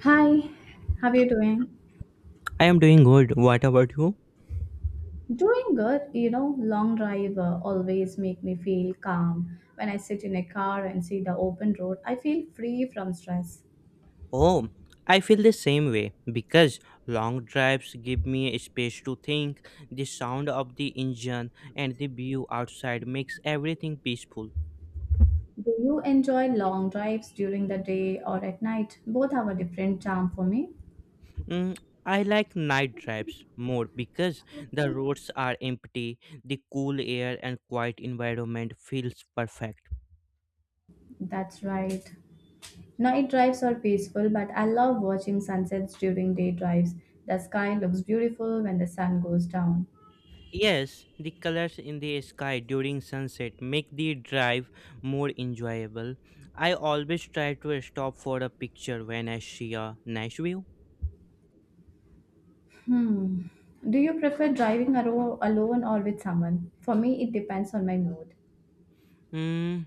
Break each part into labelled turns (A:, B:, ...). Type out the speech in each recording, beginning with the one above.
A: Hi, how are you doing?
B: I am doing good. What about you?
A: Doing good. You know, long drive always make me feel calm. When I sit in a car and see the open road, I feel free from stress.
B: Oh, I feel the same way because long drives give me a space to think. The sound of the engine and the view outside makes everything peaceful.
A: Do you enjoy long drives during the day or at night? Both have a different charm for me.
B: Mm, I like night drives more because the roads are empty, the cool air and quiet environment feels perfect.
A: That's right. Night drives are peaceful, but I love watching sunsets during day drives. The sky looks beautiful when the sun goes down.
B: Yes, the colors in the sky during sunset make the drive more enjoyable. I always try to stop for a picture when I see a nice view.
A: Hmm. Do you prefer alone or with someone? For me, it depends on my mood.
B: Mm,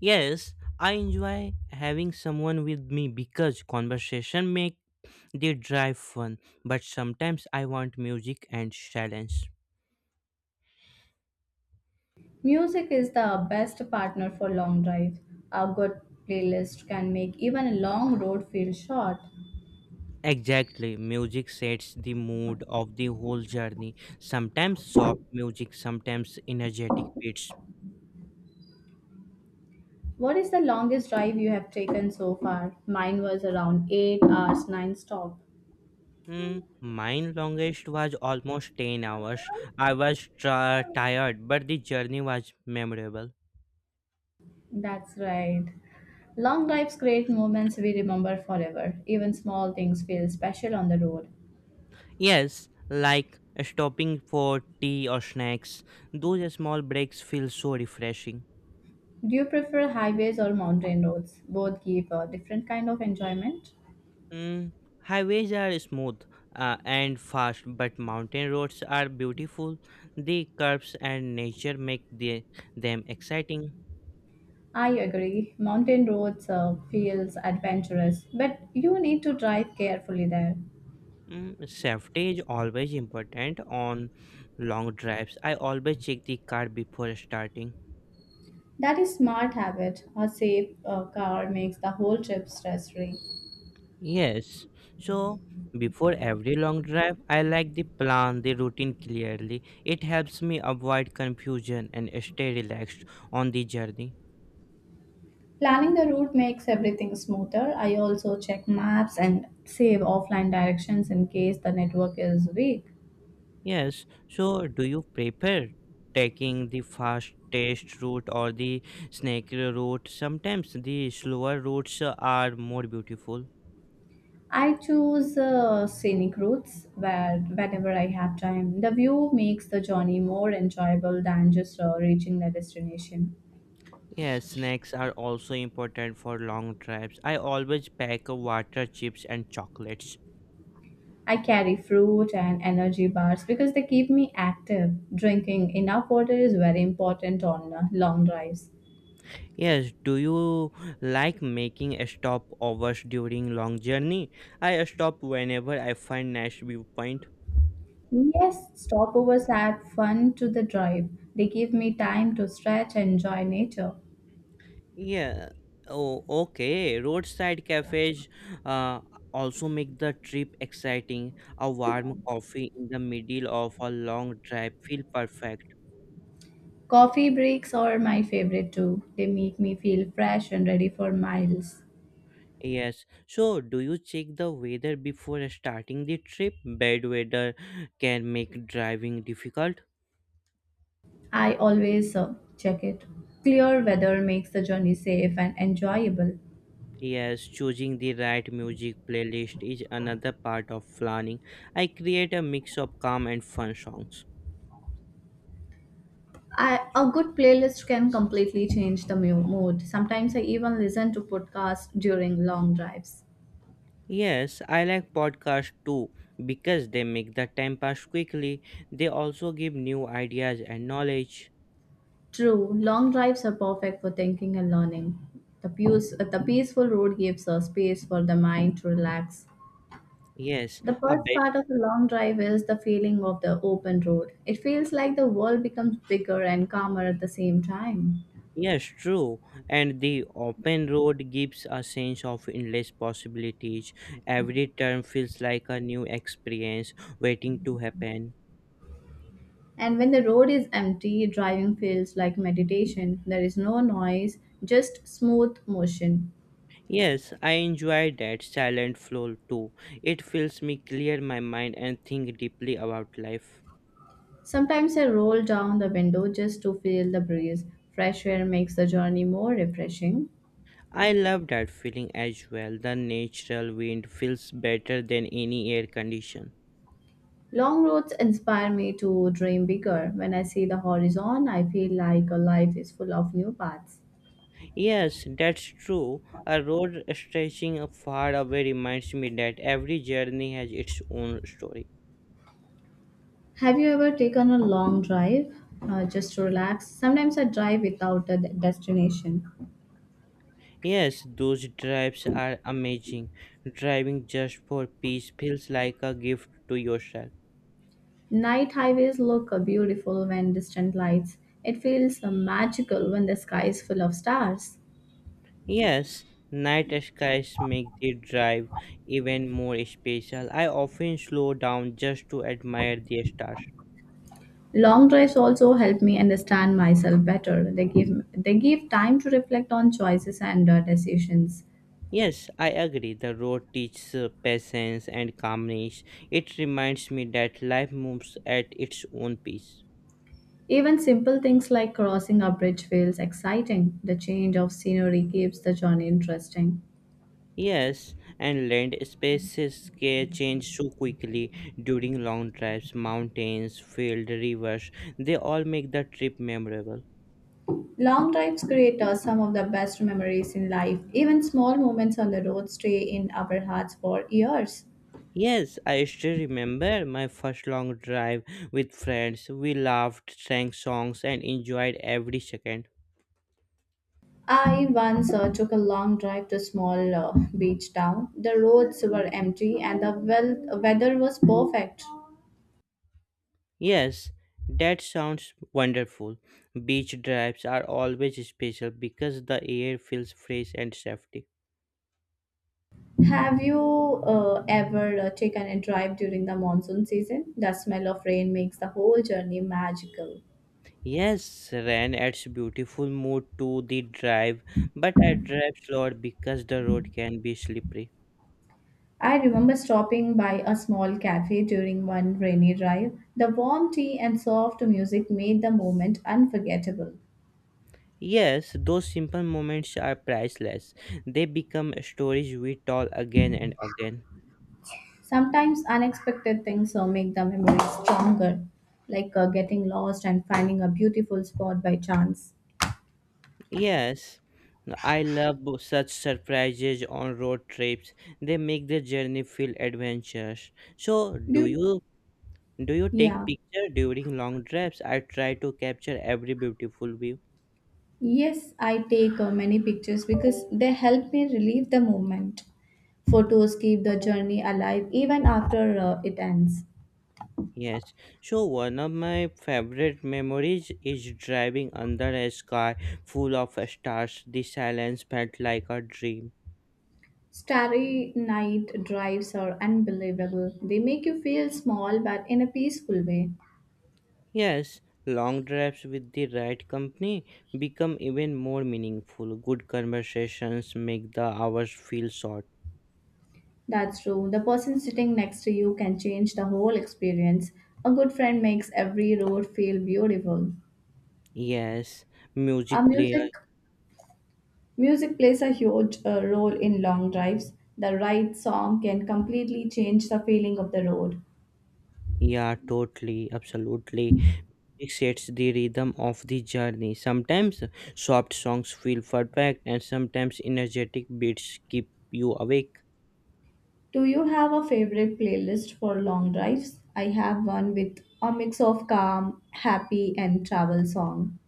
B: yes, I enjoy having someone with me because conversation make the drive fun, but sometimes I want music and silence.
A: Music is the best partner for long drive. A good playlist can make even a long road feel short.
B: Exactly, music sets the mood of the whole journey. Sometimes soft music, sometimes energetic beats.
A: What is the longest drive you have taken so far? Mine was around 8 hours non-stop.
B: Mine longest was almost 10 hours. I was tired, but the journey was memorable.
A: That's right. Long drives create moments we remember forever. Even small things feel special on the road.
B: Yes, like stopping for tea or snacks. Those small breaks feel so refreshing.
A: Do you prefer highways or mountain roads? Both give a different kind of enjoyment.
B: Mm, highways are smooth and fast, but mountain roads are beautiful. The curves and nature make them exciting.
A: I agree. Mountain roads feels adventurous, but you need to drive carefully there.
B: Safety is always important on long drives. I always check the car before starting.
A: That is smart habit. A safe car makes the whole trip stress-free.
B: Yes. So before every long drive, I like the plan, the routine clearly. It helps me avoid confusion and stay relaxed on the journey.
A: Planning the route makes everything smoother. I also check maps and save offline directions in case the network is weak.
B: Yes. So do you prefer taking the fast test route or the snaky route? Sometimes the slower routes are more beautiful.
A: I choose scenic routes where whenever I have time. The view makes the journey more enjoyable than just reaching the destination.
B: Yes, snacks are also important for long drives. I always pack water, chips, and chocolates.
A: I carry fruit and energy bars because they keep me active. Drinking enough water is very important on long drives.
B: Yes, do you like making stopovers during long journey? I stop whenever I find nice viewpoint.
A: Yes, stopovers add fun to the drive. They give me time to stretch and enjoy nature.
B: Yeah. Oh, okay. Roadside cafes uh, also make the trip exciting. A warm coffee in the middle of a long drive feel perfect.
A: Coffee breaks are my favorite too. They make me feel fresh and ready for miles.
B: Yes. So, do you check the weather before starting the trip? Bad weather can make driving difficult.
A: I always check it. Clear weather makes the journey safe and enjoyable.
B: Yes, choosing the right music playlist is another part of planning. I create a mix of calm and fun songs.
A: I, a good playlist can completely change the mood. Sometimes I even listen to podcasts during long drives.
B: Yes, I like podcasts too because they make the time pass quickly. They also give new ideas and knowledge.
A: True, long drives are perfect for thinking and learning. The peaceful road gives a space for the mind to relax.
B: Yes,
A: The
B: a
A: first
B: better
A: part of a long drive is the feeling of the open road. It feels like the world becomes bigger and calmer at the same time.
B: Yes, true. And the open road gives a sense of endless possibilities. Every turn feels like a new experience waiting to happen.
A: And when the road is empty, driving feels like meditation. There is no noise, just smooth motion.
B: Yes, I enjoy that silent flow too. It feels me clear my mind and think deeply about life.
A: Sometimes I roll down the window just to feel the breeze. Fresh air makes the journey more refreshing.
B: I love that feeling as well. The natural wind feels better than any air condition.
A: Long roads inspire me to dream bigger. When I see the horizon, I feel like a life is full of new paths.
B: Yes, that's true. A road stretching far away reminds me that every journey has its own story.
A: Have you ever taken a long drive just to relax? Sometimes I drive without a destination.
B: Yes, those drives are amazing. Driving just for peace feels like a gift to yourself.
A: Night highways look beautiful when distant lights. It feels magical when the sky is full of stars.
B: Yes, night skies make the drive even more special. I often slow down just to admire the stars.
A: Long drives also help me understand myself better. They give time to reflect on choices and decisions.
B: Yes, I agree. The road teaches patience and calmness. It reminds me that life moves at its own pace.
A: Even simple things like crossing a bridge feels exciting. The change of scenery keeps the journey interesting.
B: Yes, and land spaces can change so quickly during long drives. Mountains, fields, rivers, they all make the trip memorable.
A: Long drives create some of the best memories in life. Even small moments on the road stay in our hearts for years.
B: Yes, I still remember my first long drive with friends. We laughed, sang songs, and enjoyed every second.
A: I once took a long drive to a small beach town. The roads were empty and the weather was perfect.
B: Yes, that sounds wonderful. Beach drives are always special because the air feels fresh and safety.
A: Have you ever taken a drive during the monsoon season? The smell of rain makes the whole journey magical.
B: Yes, Ran adds beautiful mood to the drive, but I drive slower because the road can be slippery.
A: I remember stopping by a small cafe during one rainy drive. The warm tea and soft music made the moment unforgettable.
B: Yes, those simple moments are priceless. They become stories we tell again and again.
A: Sometimes unexpected things make the memory stronger, like getting lost and finding a beautiful spot by chance.
B: Yes, I love such surprises on road trips. They make the journey feel adventurous. So,
A: Do
B: do
A: you-
B: you Do you take
A: yeah.
B: picture during long drives? I try to capture every beautiful view.
A: Yes, I take many pictures because they help me relieve the moment. Photos keep the journey alive even after it ends.
B: Yes. So one of my favorite memories is driving under a sky full of stars. The silence felt like a dream.
A: Starry night drives are unbelievable. They make you feel small but in a peaceful way.
B: Yes, long drives with the right company become even more meaningful. Good conversations make the hours feel short.
A: That's true. The person sitting next to you can change the whole experience. A good friend makes every road feel beautiful.
B: Yes,
A: Our
B: music player
A: music Music plays a huge role in long drives. The right song can completely change the feeling of the road.
B: Yeah, totally, absolutely. It sets the rhythm of the journey. Sometimes soft songs feel perfect, and sometimes energetic beats keep you awake.
A: Do you have a favorite playlist for long drives? I have one with a mix of calm, happy, and travel song.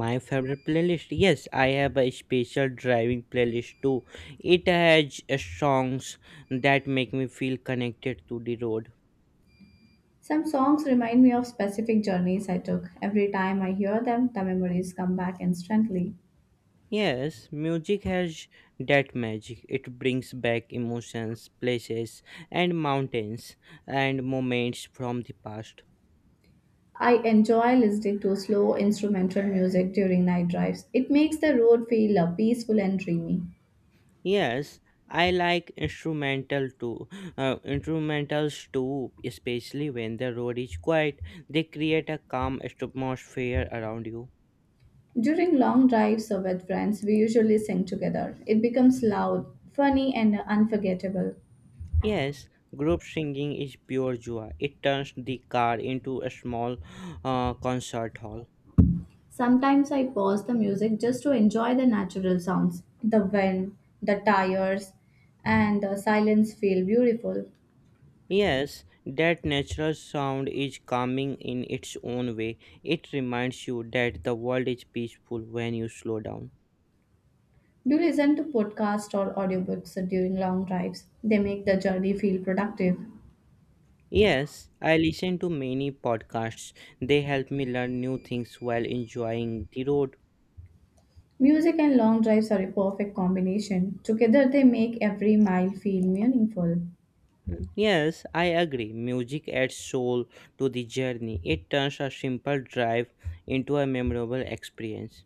B: My favorite playlist? Yes, I have a special driving playlist too. It has songs that make me feel connected to the road.
A: Some songs remind me of specific journeys I took. Every time I hear them, the memories come back instantly.
B: Yes, music has that magic. It brings back emotions, places, and mountains and moments from the past.
A: I enjoy listening to slow instrumental music during night drives. It makes the road feel peaceful and dreamy.
B: Yes, I like instrumental too. Instrumentals too, especially when the road is quiet. They create a calm atmosphere around you.
A: During long drives or with friends, we usually sing together. It becomes loud, funny, and unforgettable.
B: Yes, group singing is pure joy. It turns the car into a small concert hall.
A: Sometimes I pause the music just to enjoy the natural sounds. The wind, the tires, and the silence feel beautiful.
B: Yes, that natural sound is calming in its own way. It reminds you that the world is peaceful when you slow down.
A: Do you listen to podcasts or audiobooks during long drives? They make the journey feel productive.
B: Yes, I listen to many podcasts. They help me learn new things while enjoying the road.
A: Music and long drives are a perfect combination. Together, they make every mile feel meaningful.
B: Mm. Yes, I agree. Music adds soul to the journey. It turns a simple drive into a memorable experience.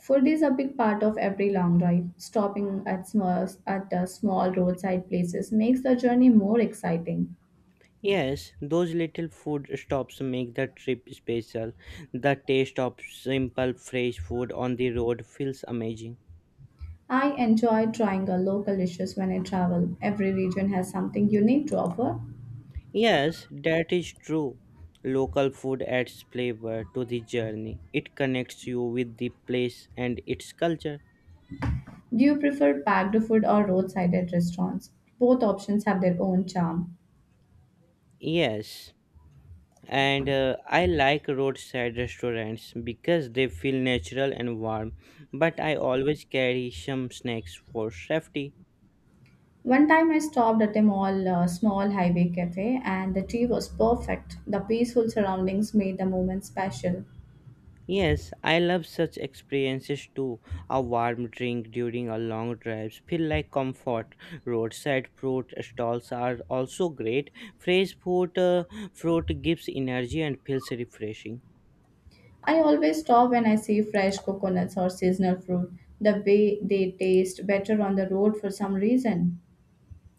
A: Food is a big part of every long drive. Stopping at small roadside places makes the journey more exciting.
B: Yes, those little food stops make the trip special. The taste of simple fresh food on the road feels amazing.
A: I enjoy trying local dishes when I travel. Every region has something unique to offer.
B: Yes, that is true. Local food adds flavor to the journey. It connects you with the place and its culture.
A: Do you prefer packed food or roadside at restaurants? Both options have their own charm.
B: Yes, and I like roadside restaurants because they feel natural and warm, but I always carry some snacks for safety.
A: One time I stopped at a small highway cafe and the tea was perfect. The peaceful surroundings made the moment special.
B: Yes, I love such experiences too. A warm drink during a long drive feel like comfort. Roadside fruit stalls are also great. Fresh fruit gives energy and feels refreshing.
A: I always stop when I see fresh coconuts or seasonal fruit. The way they taste better on the road for some reason.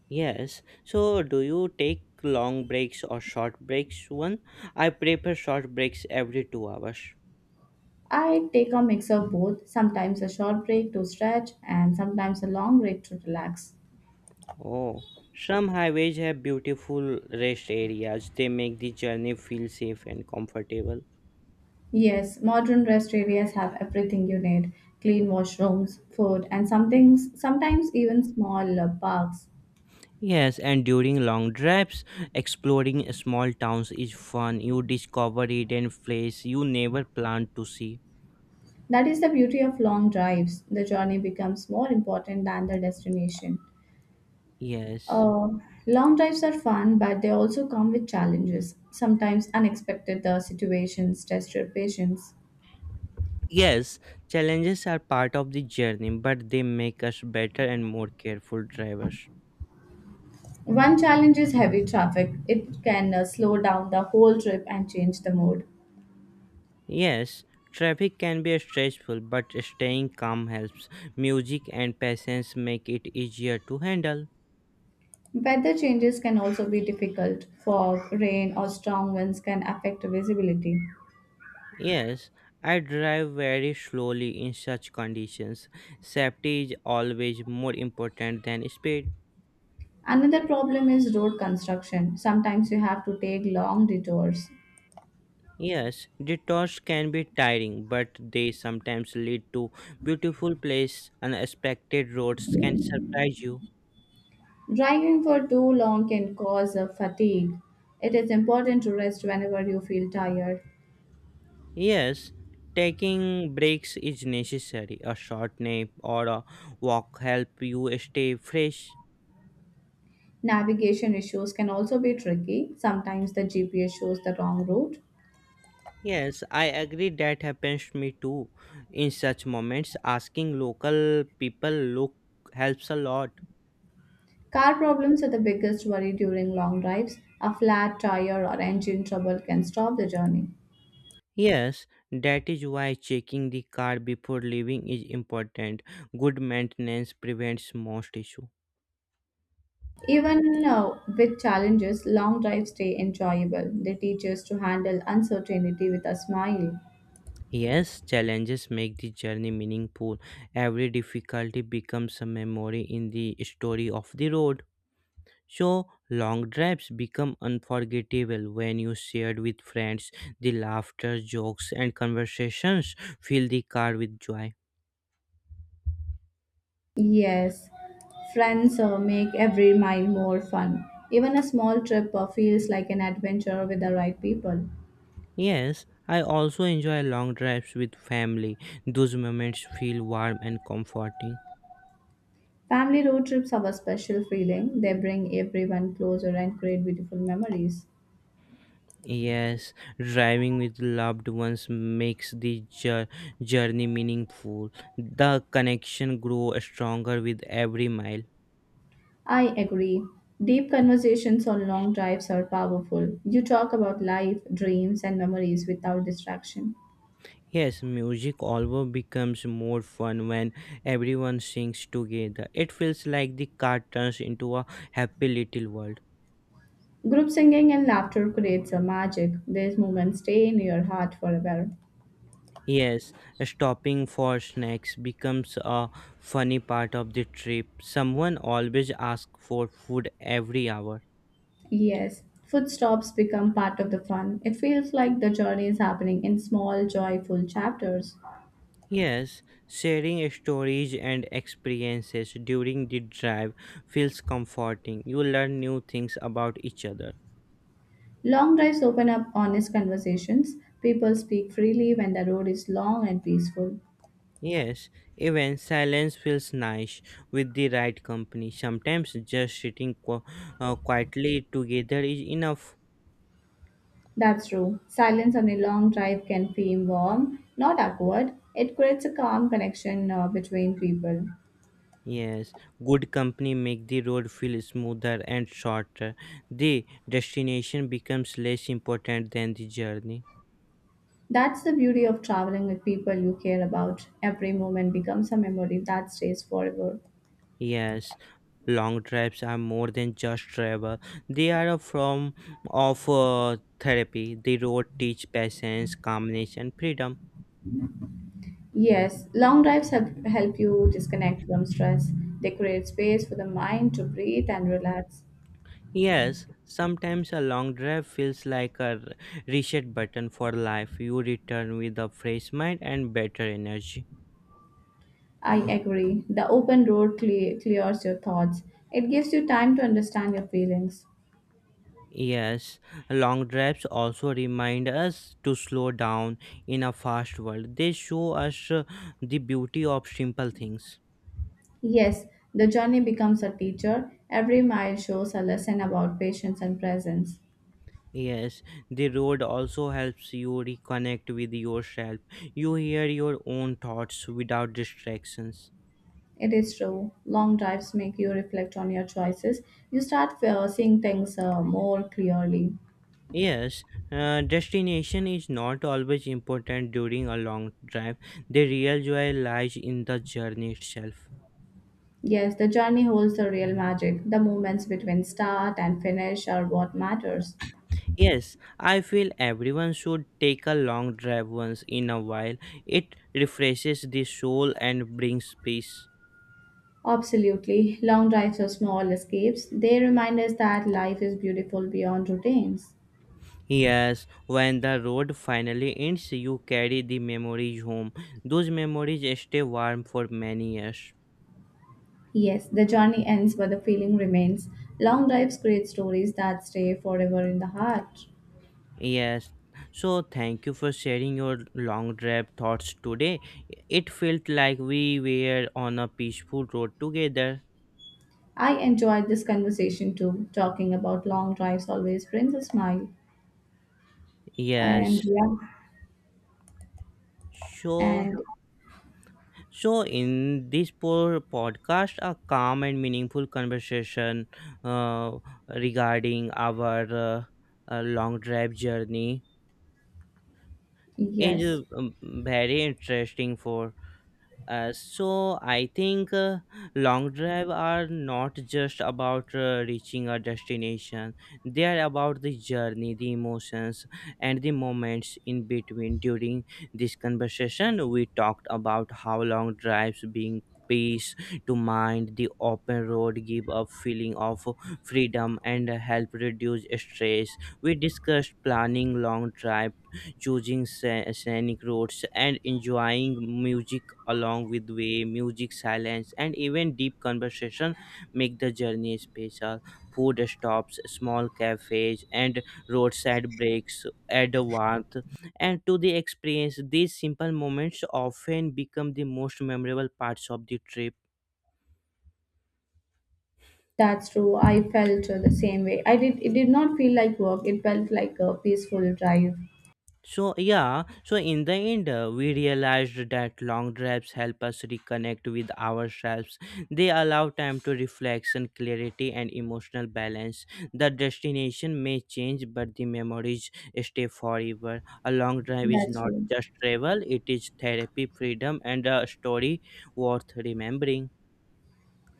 B: Yes. So, do you take long breaks or short breaks? One, I prefer short breaks every 2 hours.
A: I take a mix of both, sometimes a short break to stretch and sometimes a long break to relax.
B: Oh. Some highways have beautiful rest areas. They make the journey feel safe and comfortable.
A: Yes, modern rest areas have everything you need clean washrooms, food, and sometimes even small parks.
B: Yes, and during long drives, exploring small towns is fun. You discover hidden places you never planned to see.
A: That is the beauty of long drives. The journey becomes more important than the destination.
B: Yes.
A: Uh, long drives are fun, but they also come with challenges. Sometimes unexpected situations test your patience.
B: Yes, challenges are part of the journey, but they make us better and more careful drivers.
A: One challenge is heavy traffic. It can slow down the whole trip and change the mood.
B: Yes, traffic can be stressful, but staying calm helps. Music and patience make it easier to handle.
A: Weather changes can also be difficult. Fog, rain, or strong winds can affect visibility.
B: Yes, I drive very slowly in such conditions. Safety is always more important than speed.
A: Another problem is road construction. Sometimes you have to take long detours.
B: Yes, detours can be tiring, but they sometimes lead to beautiful places. Unexpected roads can surprise you.
A: Driving for too long can cause fatigue. It is important to rest whenever you feel tired.
B: Yes, taking breaks is necessary. A short nap or a walk help you stay fresh.
A: Navigation issues can also be tricky. Sometimes the GPS shows the wrong route.
B: Yes, I agree that happens to me too. In such moments, asking local people look helps a lot.
A: Car problems are the biggest worry during long drives. A flat tire or engine trouble can stop the journey.
B: Yes, that is why checking the car before leaving is important. Good maintenance prevents most issue.
A: Even with challenges, long drives stay enjoyable. They teach us to handle uncertainty with a smile.
B: Yes, challenges make the journey meaningful. Every difficulty becomes a memory in the story of the road. So, long drives become unforgettable when you shared with friends. The laughter, jokes, and conversations fill the car with joy.
A: Yes, friends make every mile more fun. Even a small trip feels like an adventure with the right people.
B: Yes, I also enjoy long drives with family. Those moments feel warm and comforting.
A: Family road trips have a special feeling. They bring everyone closer and create beautiful memories.
B: Yes, driving with loved ones makes the journey meaningful. The connection grows stronger with every mile.
A: I agree. Deep conversations on long drives are powerful. You talk about life, dreams, and memories without distraction.
B: Yes, music always becomes more fun when everyone sings together. It feels like the car turns into a happy little world.
A: Group singing and laughter creates a magic. These moments stay in your heart forever.
B: Yes, stopping for snacks becomes a funny part of the trip. Someone always asks for food every hour.
A: Yes, food stops become part of the fun. It feels like the journey is happening in small, joyful chapters.
B: Yes, sharing stories and experiences during the drive feels comforting. You learn new things about each other.
A: Long drives open up honest conversations. People speak freely when the road is long and peaceful.
B: Yes, even silence feels nice with the right company. Sometimes just sitting quietly together is enough.
A: That's true. Silence on a long drive can feel warm, not awkward. It creates a calm connection between people.
B: Yes, good company make the road feel smoother and shorter. The destination becomes less important than the journey.
A: That's the beauty of traveling with people you care about. Every moment becomes a memory that stays forever.
B: Yes, long drives are more than just travel. They are a form of therapy. The road teach patience, calmness, and freedom.
A: Yes, long drives help you disconnect from stress. They create space for the mind to breathe and relax.
B: Yes, sometimes a long drive feels like a reset button for life. You return with a fresh mind and better energy.
A: I agree. The open road clears your thoughts. It gives you time to understand your feelings.
B: Yes, long drives also remind us to slow down in a fast world. They show us the beauty of simple things.
A: Yes, the journey becomes a teacher. Every mile shows a lesson about patience and presence.
B: Yes, the road also helps you reconnect with yourself. You hear your own thoughts without distractions.
A: It is true. Long drives make you reflect on your choices. You start seeing things more clearly.
B: Yes, destination is not always important during a long drive. The real joy lies in the journey itself.
A: Yes, the journey holds the real magic. The moments between start and finish are what matters.
B: Yes, I feel everyone should take a long drive once in a while. It refreshes the soul and brings peace.
A: Absolutely. Long drives or small escapes, they remind us that life is beautiful beyond routines.
B: Yes, when the road finally ends, you carry the memories home. Those memories stay warm for many years.
A: Yes, the journey ends, but the feeling remains. Long drives create stories that stay forever in the heart.
B: Yes. So thank you for sharing your long drive thoughts today. It felt like we were on a peaceful road together.
A: I enjoyed this conversation too. Talking about long drives always brings a smile. And
B: Yes.
A: yeah,
B: So
A: and
B: so in this poor podcast a calm and meaningful conversation uh, regarding our long drive journey is
A: yes,
B: very interesting for So I think long drive are not just about reaching a destination. They are about the journey, the emotions, and the moments in between. During this conversation, we talked about how long drives being peace to mind the open road give a feeling of freedom and help reduce stress. We discussed planning long drive, choosing scenic roads and enjoying music along with way, music, silence, and even deep conversation make the journey special. Food stops, small cafes, and roadside breaks add a warmth and to the experience. These simple moments often become the most memorable parts of the trip.
A: that's true. I felt the same way. I did. It did not feel like work. It felt like a peaceful drive.
B: So in the end, we realized that long drives help us reconnect with ourselves. They allow time to reflection, clarity, and emotional balance. The destination may change, but the memories stay forever. A long drive is
A: That's
B: not
A: true.
B: just travel, it is therapy, freedom, and a story worth remembering.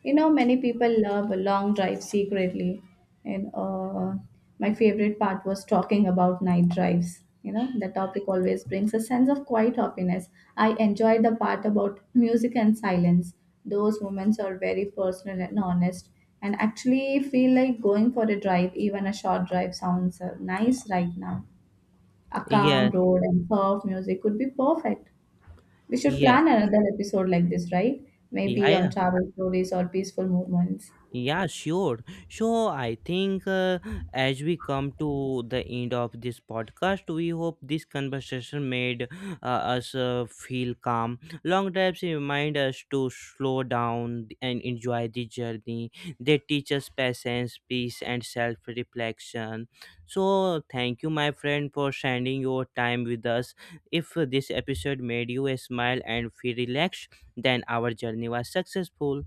A: You know, many people love a long drive secretly. And my favorite part was talking about night drives. You know, the topic always brings a sense of quiet happiness. I enjoyed the part about music and silence. Those moments are very personal and honest. And actually feel like going for a drive, even a short drive, sounds nice right now. A calm
B: Yeah,
A: road and soft music would be perfect. We should
B: yeah,
A: plan another episode like this, right?
B: yeah,
A: Maybe on
B: yeah.
A: travel stories or peaceful moments.
B: Yeah, sure. So I think as we come to the end of this podcast, we hope this conversation made us feel calm. Long drives remind us to slow down and enjoy the journey. They teach us patience, peace, and self reflection. So thank you, my friend, for sharing your time with us. If this episode made you smile and feel relaxed, then our journey was successful.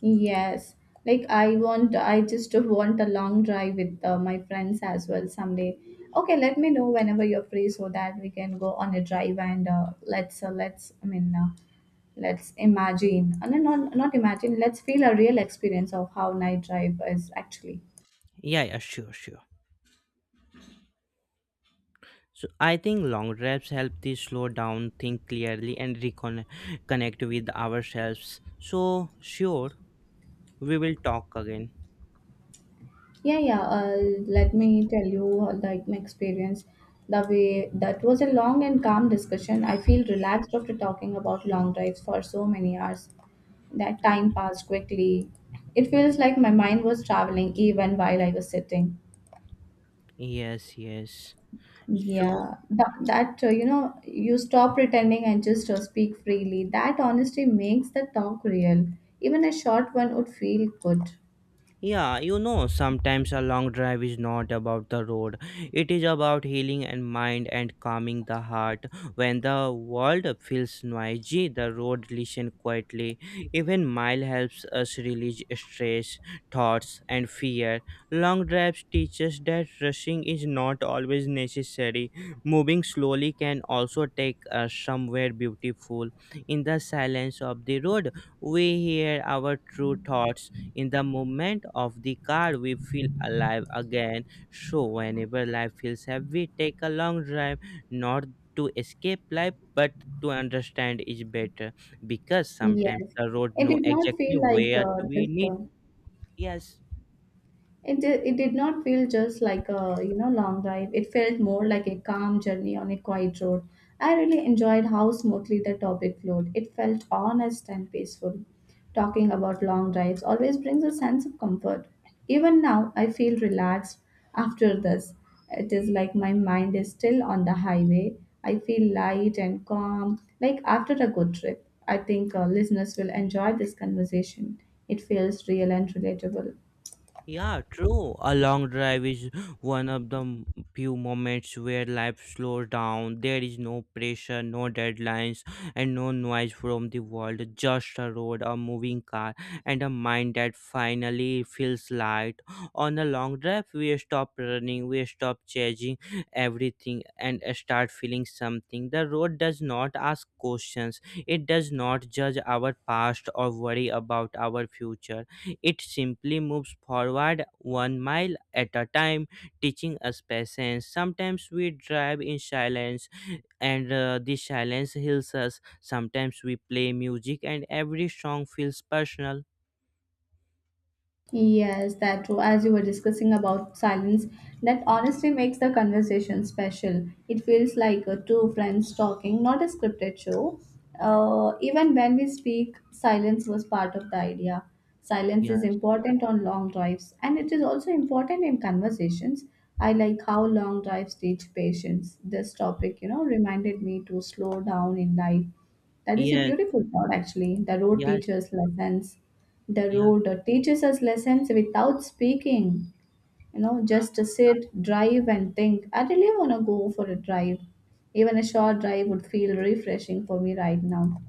A: Yes. Like I just want a long drive with my friends as well someday. Okay, let me know whenever you're free so that we can go on a drive and let's I mean let's imagine. No, not imagine. Let's feel a real experience of how night drive is actually.
B: Yeah, yeah, sure, sure. So I think long drives help to slow down, think clearly, and reconnect with ourselves. So sure, we will talk again.
A: Yeah, yeah. Let me tell you like my experience. The way that was a long and calm discussion. I feel relaxed after talking about long drives for so many hours. That time passed quickly. It feels like my mind was traveling even while I was sitting.
B: Yes, yes. So
A: Yeah, that, that you know, you stop pretending and just speak freely. That honesty makes the talk real. Even a short one would feel good.
B: yeah, you know, sometimes a long drive is not about the road. It is about healing and mind and calming the heart. When the world feels noisy, the road listens quietly. Even mile helps us release stress, thoughts, and fear. Long drives teach us that rushing is not always necessary. Moving slowly can also take us somewhere beautiful. In the silence of the road, we hear our true thoughts in the movement of the car, we feel alive again. So, whenever life feels heavy, take a long drive, not to escape life, but to understand is better, because sometimes
A: Yes,
B: the road
A: it
B: know
A: did not
B: exactly
A: feel like
B: where we
A: this.
B: need.
A: One.
B: Yes.
A: It did not feel just like a, you know, long drive. It felt more like a calm journey on a quiet road. I really enjoyed how smoothly the topic flowed. It felt honest and peaceful. Talking about long drives always brings a sense of comfort. Even now, I feel relaxed after this. It is like my mind is still on the highway. I feel light and calm, like after a good trip. I think listeners will enjoy this conversation. It feels real and relatable.
B: Yeah, true. A long drive is one of the few moments where life slows down. There is no pressure, no deadlines, and no noise from the world. Just a road, a moving car, and a mind that finally feels light. On a long drive, we stop running, we stop chasing everything, and start feeling something. The road does not ask questions, it does not judge our past or worry about our future. It simply moves forward one mile at a time, teaching us patience. Sometimes we drive in silence, and this silence heals us. Sometimes we play music, and every song feels personal.
A: Yes, that too. As you were discussing about silence, that honestly makes the conversation special. It feels like two friends talking, not a scripted show. Even when we speak, silence was part of the idea. Silence
B: Yeah.
A: is important on long drives, and it is also important in conversations. I like how long drives teach patience. This topic, reminded me to slow down in life. That is a
B: Yes.
A: beautiful thought, actually. The road
B: Yes.
A: teaches lessons, the
B: Yes.
A: road teaches us lessons without speaking. You know, just sit, drive, and think. I really want to go for a drive. Even a short drive would feel refreshing for me right now.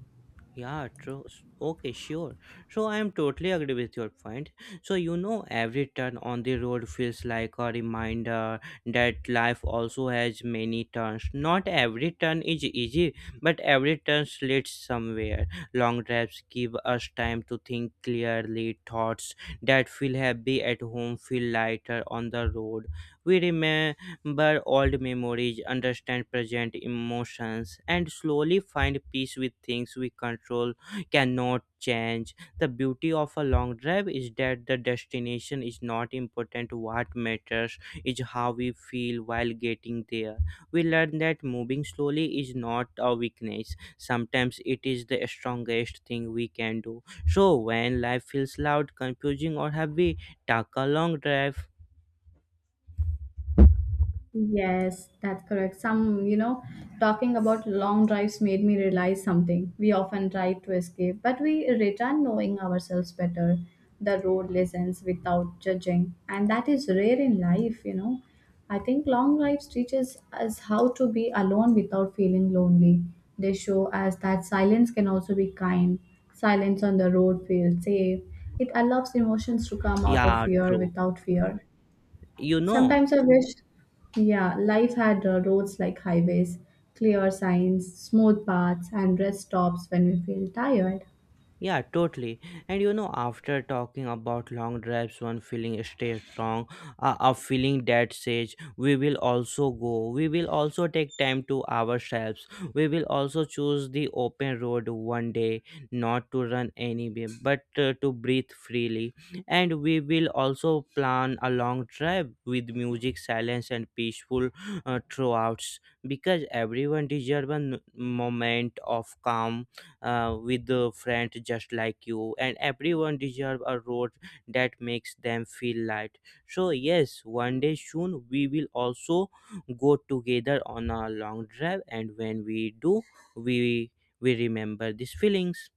B: Yeah, true. Okay, sure. So I am totally agree with your point. So you know, every turn on the road feels like a reminder that life also has many turns. Not every turn is easy, but every turn leads somewhere. Long drives give us time to think clearly. Thoughts that feel heavy at home feel lighter on the road. We remain but old memories, understand present emotions, and slowly find peace with things we control cannot change. The beauty of a long drive is that the destination is not important. What matters is how we feel while getting there. We learn that moving slowly is not a weakness. Sometimes it is the strongest thing we can do. So when life feels loud, confusing, or heavy, take a long drive.
A: Yes, that's correct. Some, talking about long drives made me realize something. We often drive to escape, but we return knowing ourselves better. The road listens without judging, and that is rare in life. I think long drives teaches us how to be alone without feeling lonely. They show us that silence can also be kind. Silence on the road feels safe. It allows emotions to come out of
B: Yeah,
A: fear
B: true.
A: without fear.
B: You know,
A: Sometimes I wish, yeah, life had roads like highways, clear signs, smooth paths, and rest stops when we feel tired.
B: yeah, totally. And you know, after talking about long drives, one feeling stays strong, a feeling that says, we will also go, we will also take time to ourselves, we will also choose the open road one day, not to run anyway, but to breathe freely. And we will also plan a long drive with music, silence, and peaceful throughout, because everyone deserves a moment of calm with the friend just like you, and everyone deserve a road that makes them feel light. So yes, one day soon we will also go together on a long drive, and when we do, we we remember these feelings.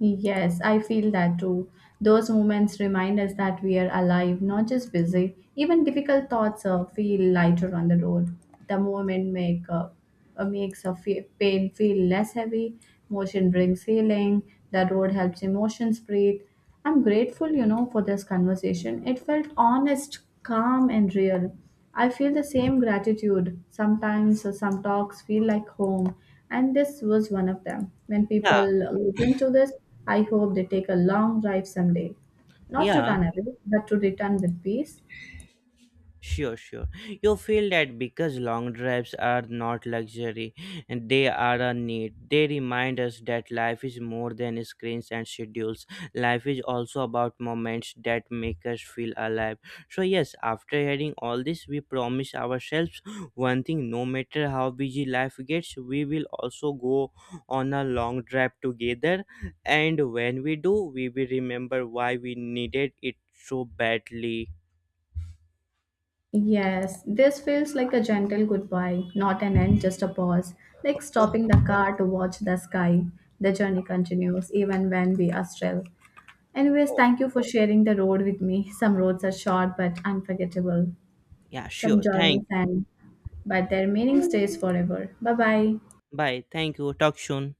A: Yes, I feel that too. Those moments remind us that we are alive, not just busy. Even difficult thoughts feel lighter on the road. The moment makes a pain feel less heavy. Motion brings healing. The road helps emotions breathe. I'm grateful for this conversation. It felt honest, calm, and real. I feel the same gratitude. Sometimes some talks feel like home, and this was one of them. When people
B: Yeah,
A: listen to this, I hope they take a long drive someday. Not to
B: yeah.
A: run away, but to return with peace.
B: Sure, sure. You feel that because long drives are not luxury and they are a need. They remind us that life is more than screens and schedules. Life is also about moments that make us feel alive. So, yes, after hearing all this, we promise ourselves one thing: no matter how busy life gets, we will also go on a long drive together. And when we do, we will remember why we needed it so badly.
A: Yes, this feels like a gentle goodbye, not an end, just a pause, like stopping the car to watch the sky. The journey continues even when we are still. Anyways,
B: Oh,
A: thank you for sharing the road with me. Some roads are short but unforgettable.
B: yeah,
A: Some
B: sure. Thank.
A: journeys end, but their meaning stays forever. Bye bye.
B: Bye. Thank you. Talk soon.